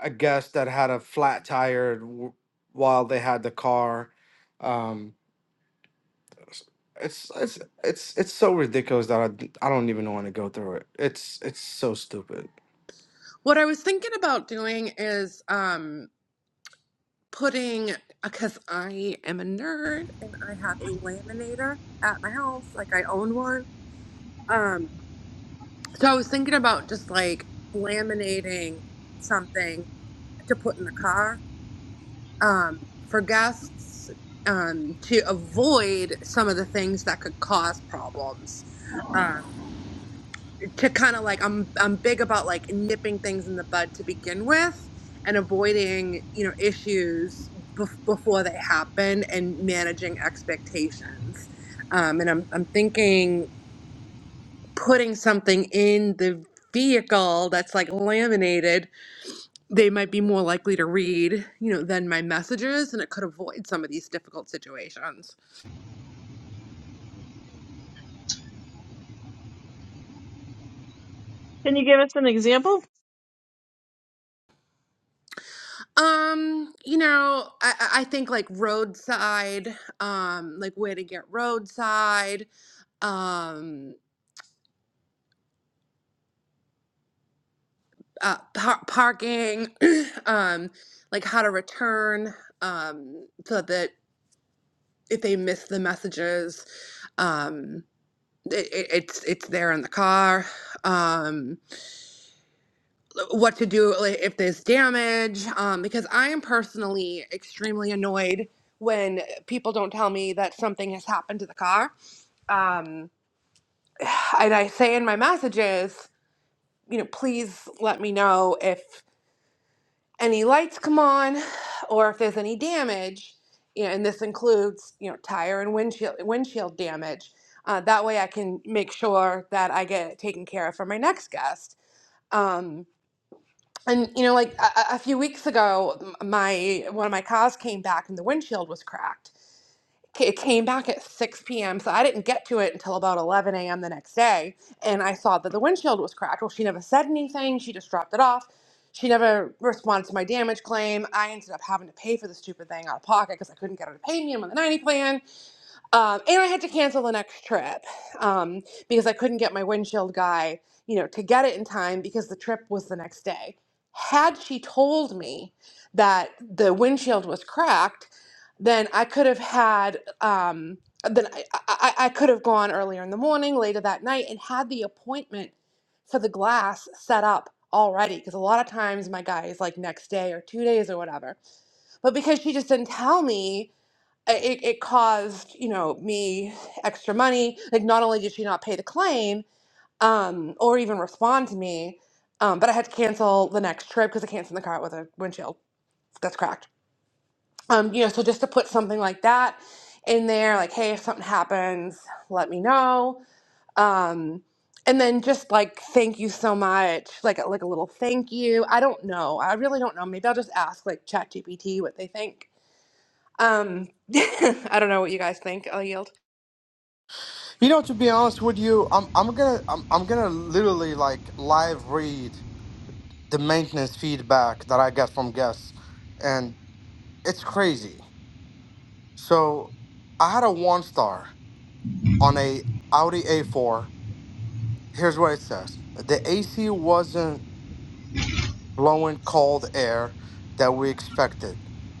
Speaker 7: a guest that had a flat tire w- while they had the car. Um, s- it's it's it's it's so ridiculous that I, d- I don't even want to go through it. It's it's so stupid.
Speaker 2: What I was thinking about doing is um putting because I am a nerd and I have a laminator at my house, like I own one. Um so I was thinking about just like laminating something to put in the car um for guests um to avoid some of the things that could cause problems. Um to kind of like I'm I'm big about like nipping things in the bud to begin with and avoiding you know issues bef before they happen and managing expectations um, and I'm I'm thinking putting something in the vehicle that's like laminated they might be more likely to read you know than my messages and it could avoid some of these difficult situations
Speaker 6: Can you give us an example?
Speaker 2: Um, you know, I, I I think like roadside, um, like way to get roadside, um, uh, par- parking, [clears throat] um, like how to return, um, so that if they miss the messages, um, it, it, it's it's there in the car. Um, what to do like, if there's damage, um, because I am personally extremely annoyed when people don't tell me that something has happened to the car um, and I say in my messages, you know, please let me know if any lights come on or if there's any damage. You know, and this includes you know tire and windshield windshield damage. Uh, that way, I can make sure that I get it taken care of for my next guest. Um, and you know, like a, a few weeks ago, m- my one of my cars came back and the windshield was cracked it came back at 6 p.m. So I didn't get to it until about 11 a.m. the next day. And I saw that the windshield was cracked. Well, she never said anything. She just dropped it off. She never responded to my damage claim. I ended up having to pay for the stupid thing out of pocket because I couldn't get her to pay me. I'm on the 90 plan um, and I had to cancel the next trip um, because I couldn't get my windshield guy, you know, to get it in time because the trip was the next day. Had she told me that the windshield was cracked, then I could have had um, then I, I, I could have gone earlier in the morning, later that night, and had the appointment for the glass set up already. Because a lot of times my guy is like next day or two days or whatever. But because she just didn't tell me, uh, it, it caused you know me extra money like not only did she not pay the claim um, or even respond to me um, but i had to cancel the next trip because i can't send the car out with a windshield that's cracked um, you know so just to put something like that in there like hey if something happens let me know um, and then just like thank you so much like a- like a little thank you i don't know i really don't know maybe i'll just ask like ChatGPT what they think um, [laughs] I don't know what you guys think. i will yield.
Speaker 7: You know, to be honest with you, I'm I'm gonna I'm I'm gonna literally like live read the maintenance feedback that I get from guests, and it's crazy. So I had a one star on a Audi A4. Here's what it says: the AC wasn't blowing cold air that we expected,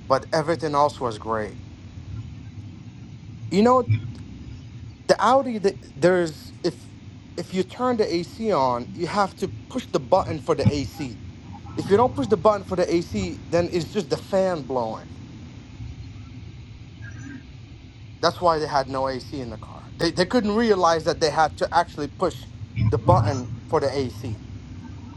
Speaker 7: but everything else was great. You know, the Audi, the, there's if if you turn the AC on, you have to push the button for the AC If you don't push the button for the AC, then it's just the fan blowing. That's why they had no AC in the car. They, they couldn't realize that they had to actually push the button for the AC.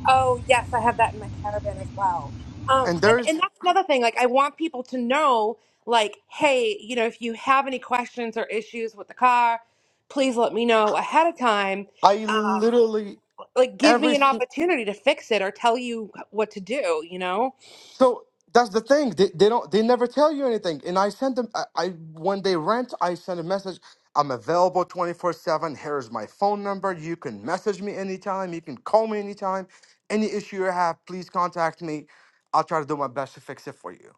Speaker 2: Oh yes, I have that in my caravan as well. Um,
Speaker 7: And
Speaker 2: and and
Speaker 7: there's,
Speaker 2: that's another thing. Like I want people to know, like, hey, you know, if you have any questions or issues with the car, please let me know ahead of time.
Speaker 7: I
Speaker 2: Um,
Speaker 7: literally,
Speaker 2: like, give me
Speaker 7: every,
Speaker 2: an
Speaker 7: si-
Speaker 2: opportunity to fix it or tell you what to do. You know?
Speaker 7: so that's the thing. They, they don't, they never tell you anything. And I sent them, I, I when they rent, I send a message. I'm available 24 7. Here's my phone number. You can message me anytime. You can call me anytime. Any issue you have, please contact me. I'll try to do my best to fix it for you.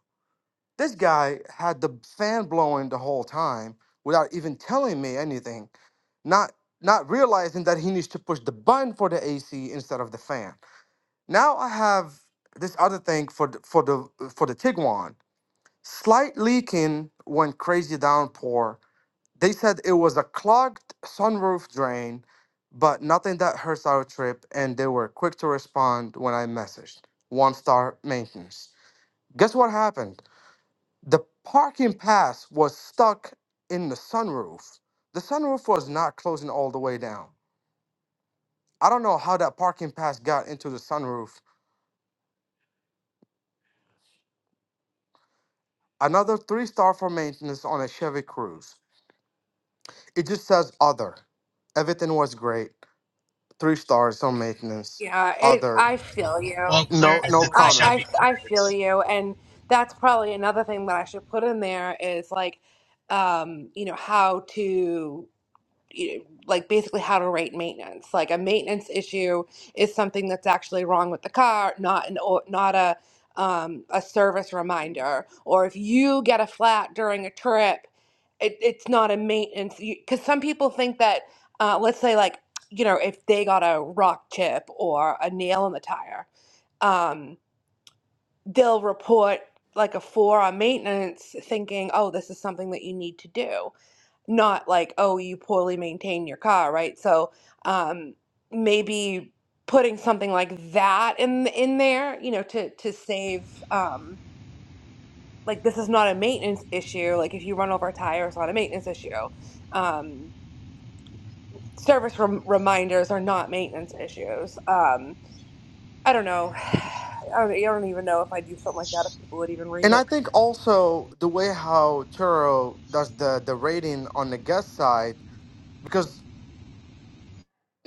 Speaker 7: This guy had the fan blowing the whole time without even telling me anything, not not realizing that he needs to push the button for the AC instead of the fan. Now I have this other thing for the, for the for the Tiguan. Slight leaking when crazy downpour. They said it was a clogged sunroof drain, but nothing that hurts our trip, and they were quick to respond when I messaged. One star maintenance. Guess what happened? The parking pass was stuck in the sunroof. The sunroof was not closing all the way down. I don't know how that parking pass got into the sunroof. Another three star for maintenance on a Chevy Cruise. It just says other. Everything was great. Three stars on maintenance.
Speaker 2: Yeah, it,
Speaker 7: Other.
Speaker 2: I feel
Speaker 8: Well,
Speaker 2: you.
Speaker 8: clear
Speaker 7: No,
Speaker 8: is
Speaker 7: no
Speaker 8: it's the
Speaker 2: I,
Speaker 7: comment.
Speaker 2: I
Speaker 8: Chevy
Speaker 2: I feel
Speaker 8: Cruze.
Speaker 2: you, and that's probably another thing that I should put in there is like, um, you know, how to you know, like basically how to rate maintenance. Like a maintenance issue is something that's actually wrong with the car, not an o- not a um, a service reminder. Or if you get a flat during a trip, it, it's not a maintenance. Because some people think that, uh, let's say, like you know, if they got a rock chip or a nail in the tire, um, they'll report like a four on maintenance, thinking, oh, this is something that you need to do not like, oh, you poorly maintain your car, right? So um, maybe putting something like that in in there, you know, to to save. Um, like this is not a maintenance issue. Like if you run over a tire, it's not a maintenance issue. Um, service rem- reminders are not maintenance issues. Um, I don't know. [sighs] I don't, I don't even know if I do something like that if people would even read
Speaker 7: And I
Speaker 2: it.
Speaker 7: think also the way how Turo does the the rating on the guest side, because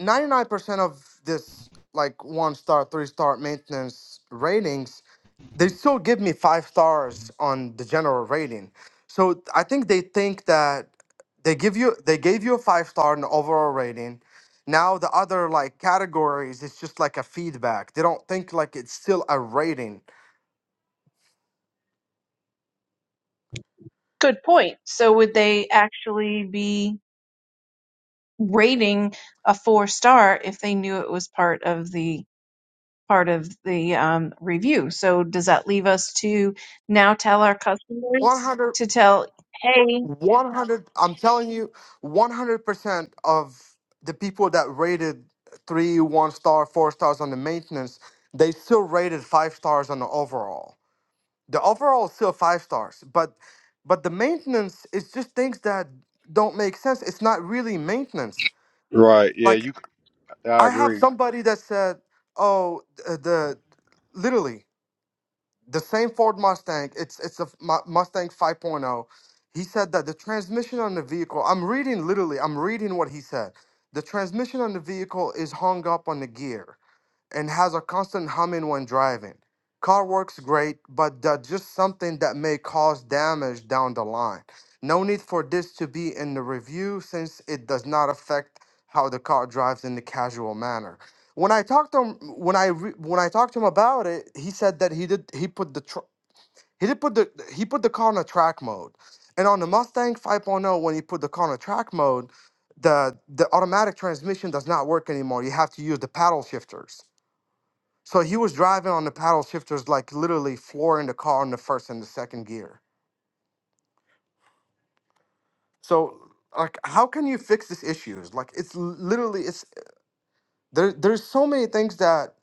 Speaker 7: 99% of this like one star, three star maintenance ratings, they still give me five stars on the general rating. So I think they think that they give you they gave you a five star in the overall rating. Now the other like categories, it's just like a feedback. They don't think like it's still a rating.
Speaker 6: Good point. So would they actually be rating a four star if they knew it was part of the part of the um, review. So does that leave us to now tell our customers
Speaker 7: 100
Speaker 6: to tell, hey,
Speaker 7: 100 i'm telling you 100% of the people that rated three one star four stars on the maintenance they still rated five stars on the overall the overall is still five stars but but the maintenance is just things that don't make sense it's not really maintenance
Speaker 3: Right. Yeah.
Speaker 7: like
Speaker 3: You. I
Speaker 7: i have
Speaker 3: agree.
Speaker 7: somebody that said oh th- the literally the same Ford Mustang. It's it's a mu- Mustang 5.0. He said that the transmission on the vehicle. I'm reading literally. I'm reading what he said. The transmission on the vehicle is hung up on the gear and has a constant humming when driving. Car works great, but that's just something that may cause damage down the line. No need for this to be in the review since it does not affect how the car drives in the casual manner. When I talked to him, when I re, when I talked to him about it, he said that he did he put the tr- he did put the he put the car on a track mode, and on the Mustang 5.0 when he put the car on a track mode, the the automatic transmission does not work anymore. You have to use the paddle shifters so he was driving on the paddle shifters, like literally flooring the car in the first and the second gear. So like, how can you fix these issues? Like, it's l- literally it's there. There's so many things that,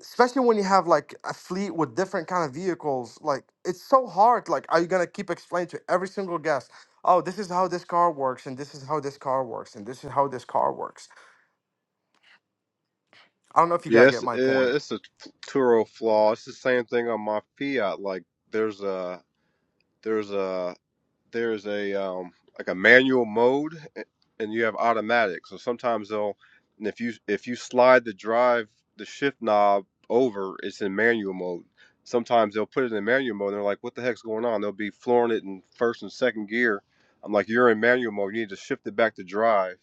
Speaker 7: especially when you have like a fleet with different kind of vehicles, like it's so hard. Like, are you gonna keep explaining to every single guest? Oh, this is how this car works, and this is how this car works, and this is how this car works. I don't know if you gotta
Speaker 3: Yes.
Speaker 7: get
Speaker 3: uh
Speaker 7: my point.
Speaker 3: it's a Turo flaw. It's the same thing on my Fiat. Like there's a there's a there's a um like a manual mode, a- and you have automatic. So sometimes they'll and if you if you slide the drive the shift knob over, it's in manual mode. Sometimes they'll put it in manual mode. And they're like, "What the heck's going on?" They'll be flooring it in first and second gear. I'm like, "You're in manual mode. You need to shift it back to drive."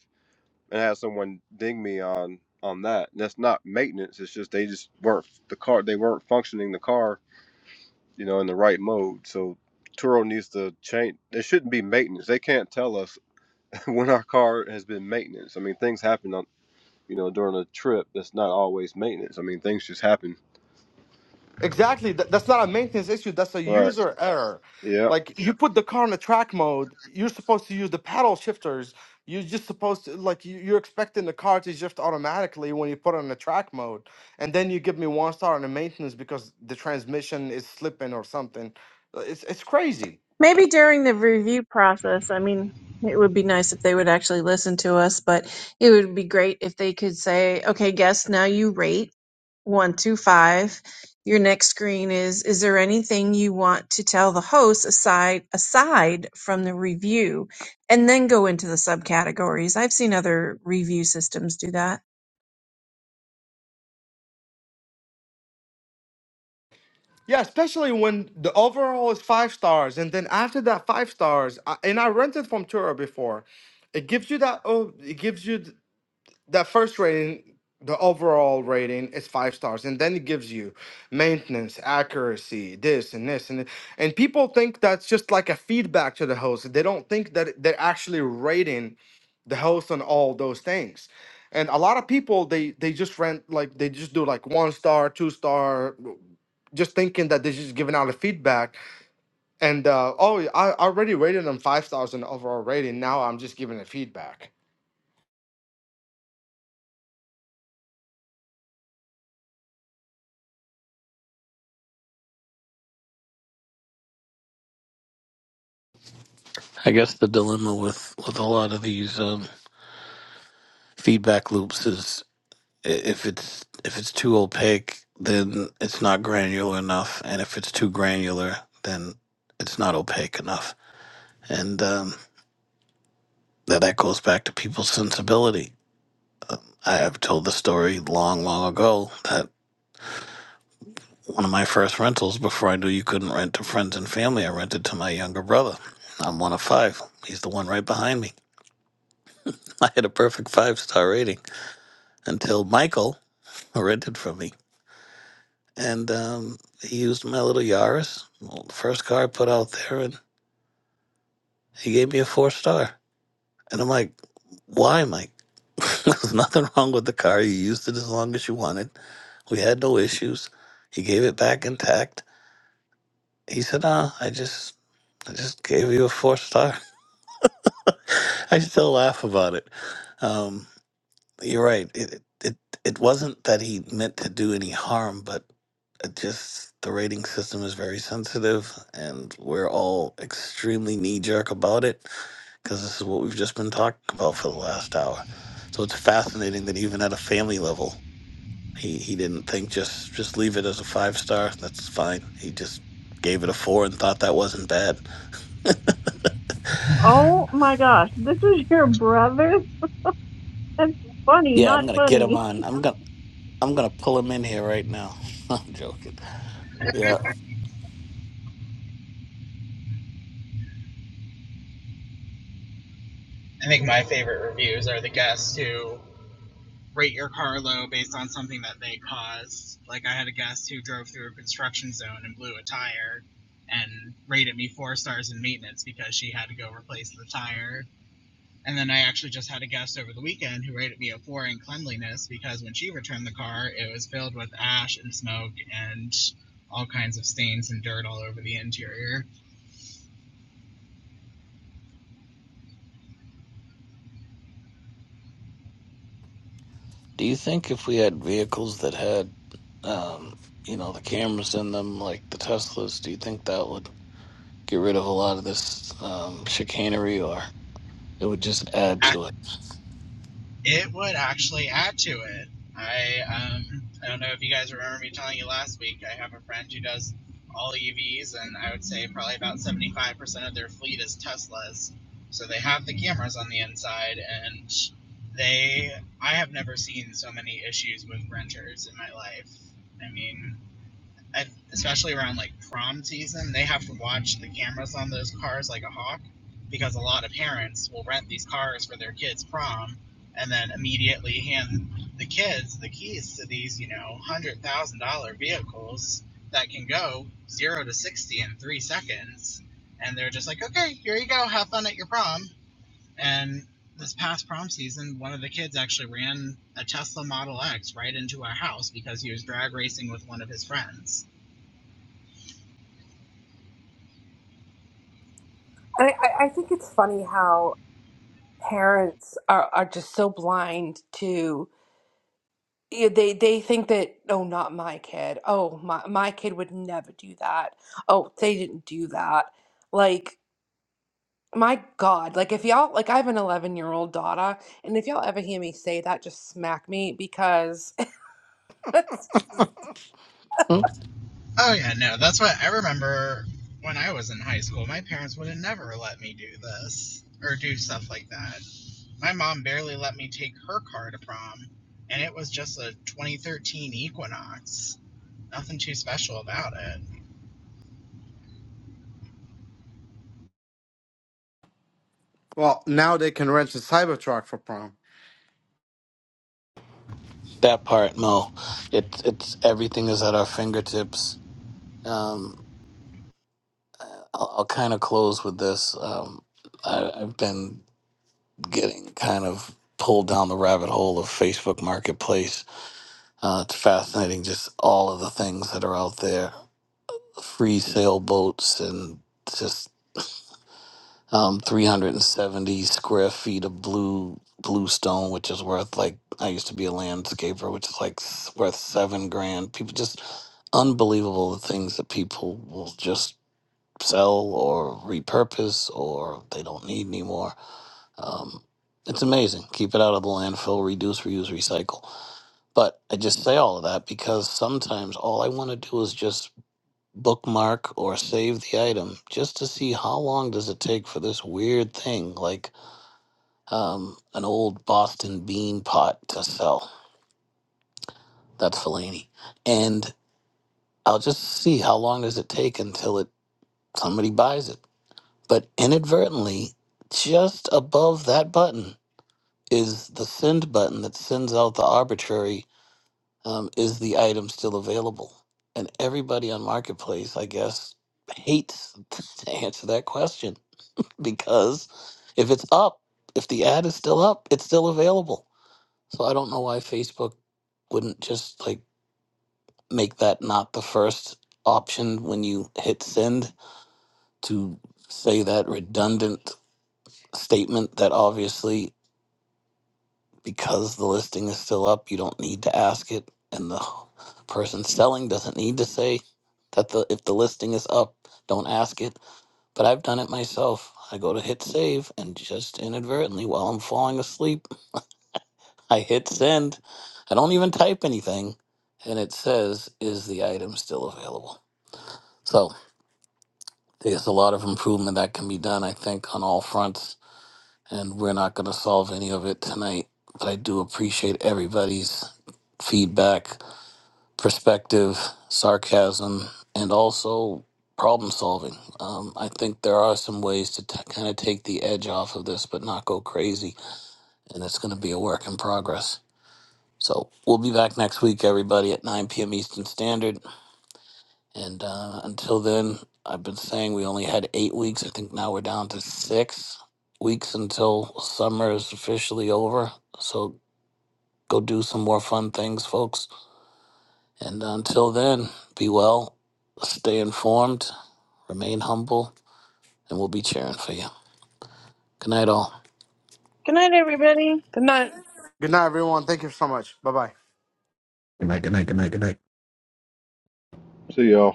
Speaker 3: and had someone ding me on on that. And that's not maintenance. It's just they just weren't the car. They weren't functioning the car, you know, in the right mode. So Turo needs to change. There shouldn't be maintenance. They can't tell us [laughs] when our car has been maintenance. I mean, things happen on you know during a trip. That's not always maintenance. I mean, things just happen.
Speaker 7: Exactly. Th- that's not a maintenance issue. That's a
Speaker 3: Right.
Speaker 7: user error.
Speaker 3: Yeah.
Speaker 7: Like you put the car in a track mode, you're supposed to use the paddle shifters. You're just supposed to like you- you're expecting the car to shift automatically when you put it in a track mode, and then you give me one star on the maintenance because the transmission is slipping or something. Uh, It's it's crazy.
Speaker 6: Maybe during the review process, I mean, it would be nice if they would actually listen to us, but it would be great if they could say, okay, guests, now you rate one through five. Your next screen is, is there anything you want to tell the host aside, aside from the review? And then go into the subcategories. I've seen other review systems do that.
Speaker 7: Yeah, especially when the overall is five stars, and then after that five stars, I, and I rented from Tura before, it gives you that oh it gives you that first rating, the overall rating is five stars, and then it gives you maintenance, accuracy, this and this and th- and people think that's just like a feedback to the host. They don't think that it- they're actually rating the host on all those things. And a lot of people they they just rent like they just do like one star, two star, w- just thinking that they're just giving out a feedback. And uh, oh, I I already rated them five stars in the overall rating. Now I'm just giving a feedback
Speaker 1: I guess the dilemma with with a lot of these um, feedback loops is. i- if it's if it's too opaque, then it's not granular enough, and if it's too granular, then it's not opaque enough. And um, that that goes back to people's sensibility. I have told the story long, long ago that one of my first rentals before I knew you couldn't rent to friends and family, I rented to my younger brother. I'm one of five. He's the one right behind me. [laughs] I had a perfect five star rating until Michael rented from me. and um, he used my little Yaris, well, the first car I put out there, and he gave me a four star. And I'm like, why, Mike? [laughs] There's nothing wrong with the car. You used it as long as you wanted. We had no issues. He gave it back intact. He said, "Ah, I just, I just gave you a four star." [laughs] I still laugh about it. Um, You're right. It it it wasn't that he meant to do any harm, but it just the rating system is very sensitive, and we're all extremely knee jerk about it because this is what we've just been talking about for the last hour. So it's fascinating that even at a family level, he he didn't think just just leave it as a five star. That's fine. He just gave it a four and thought that wasn't bad.
Speaker 8: Mm-hmm.
Speaker 6: Oh my gosh, this is your brother? That's funny,
Speaker 1: Yeah, I'm
Speaker 6: not
Speaker 1: gonna get him
Speaker 6: funny.
Speaker 1: on. I'm gonna I'm gonna pull him in here right now. [laughs] I'm joking. Yeah.
Speaker 8: I think my favorite reviews are the guests who rate your car low based on something that they caused. Like I had a guest who drove through a construction zone and blew a tire and rated me four stars in maintenance because she had to go replace the tire. And then I actually just had a guest over the weekend who rated me a four in cleanliness because when she returned the car, it was filled with ash and smoke and all kinds of stains and dirt all over the interior.
Speaker 1: Do you think if we had vehicles that had, um, you know, the cameras in them, like the Teslas, do you think that would get rid of a lot of this um, chicanery, or it would just add to it?
Speaker 8: It would actually add to it. I um, I don't know if you guys remember me telling you last week. I have a friend who does all EVs, and I would say probably about seventy five percent of their fleet is Teslas. So they have the cameras on the inside, and they I have never seen so many issues with renters in my life. I mean, and especially around like prom season, they have to watch the cameras on those cars like a hawk because a lot of parents will rent these cars for their kids' prom and then immediately hand the kids the keys to these, you know, one hundred thousand dollar vehicles that can go zero to sixty in three seconds. And they're just like, okay, here you go, have fun at your prom. And this past prom season, one of the kids actually ran a Tesla Model X right into our house because he was drag racing with one of his friends
Speaker 2: And I, I, I think it's funny how parents are, are just so blind to Yeah, they they think that oh not my kid oh my my kid would never do that oh they didn't do that like my God like if y'all like I have an 11 year old daughter and if y'all ever hear me say that just smack me because [laughs] it's just-
Speaker 1: Hmm?
Speaker 8: Oh yeah, no, that's what I remember when I was in high school. My parents would have never let me do this or do stuff like that. My mom barely let me take her car to prom, and it was just a 2013 Equinox. Nothing too special about it.
Speaker 7: Well, now they can rent a Cybertruck for prom.
Speaker 1: That part, no. It, it's everything is at our fingertips. Um, I'll, I'll kind of close with this. Um, I, I've been getting kind of pulled down the rabbit hole of Facebook Marketplace. Uh, it's fascinating, just all of the things that are out there free sailboats and just um, 370 square feet of blue blue stone, which is worth like I used to be a landscaper, which is like s- worth seven grand. People just unbelievable the things that people will just sell or repurpose or they don't need anymore. Um, it's amazing. Keep it out of the landfill, reduce, reuse, recycle. But I just say all of that because sometimes all I want to do is just bookmark or save the item just to see how long does it take for this weird thing like um, an old Boston bean pot to sell. That's Fellaini, and I'll just see how long does it take until it somebody buys it. But inadvertently, just above that button is the send button that sends out the arbitrary um, is the item still available? And everybody on marketplace, I guess, hates [laughs] to answer that question because if it's up, if the ad is still up, it's still available. So I don't know why Facebook wouldn't just like make that not the first option when you hit send to say that redundant statement that obviously because the listing is still up, you don't need to ask it and the person selling doesn't need to say that the if the listing is up, don't ask it. But I've done it myself. I go to hit save and just inadvertently while I'm falling asleep I hit send. I don't even type anything. And it says, is the item still available? So there's a lot of improvement that can be done, I think, on all fronts. And we're not going to solve any of it tonight. But I do appreciate everybody's feedback, perspective, sarcasm, and also problem solving. Um, I think there are some ways to t- kind of take the edge off of this, but not go crazy. And it's going to be a work in progress. So we'll be back next week, everybody, at 9 p.m. Eastern Standard. And uh, until then, I've been saying we only had eight weeks. I think now we're down to six weeks until summer is officially over. So go do some more fun things, folks. And until then, be well, stay informed, remain humble, and we'll be cheering for you. Good night, all.
Speaker 6: Good night, everybody.
Speaker 2: I'm not
Speaker 7: Good night, everyone. Thank you so much. Bye bye.
Speaker 9: Good night, good night, good night, good night.
Speaker 3: See y'all.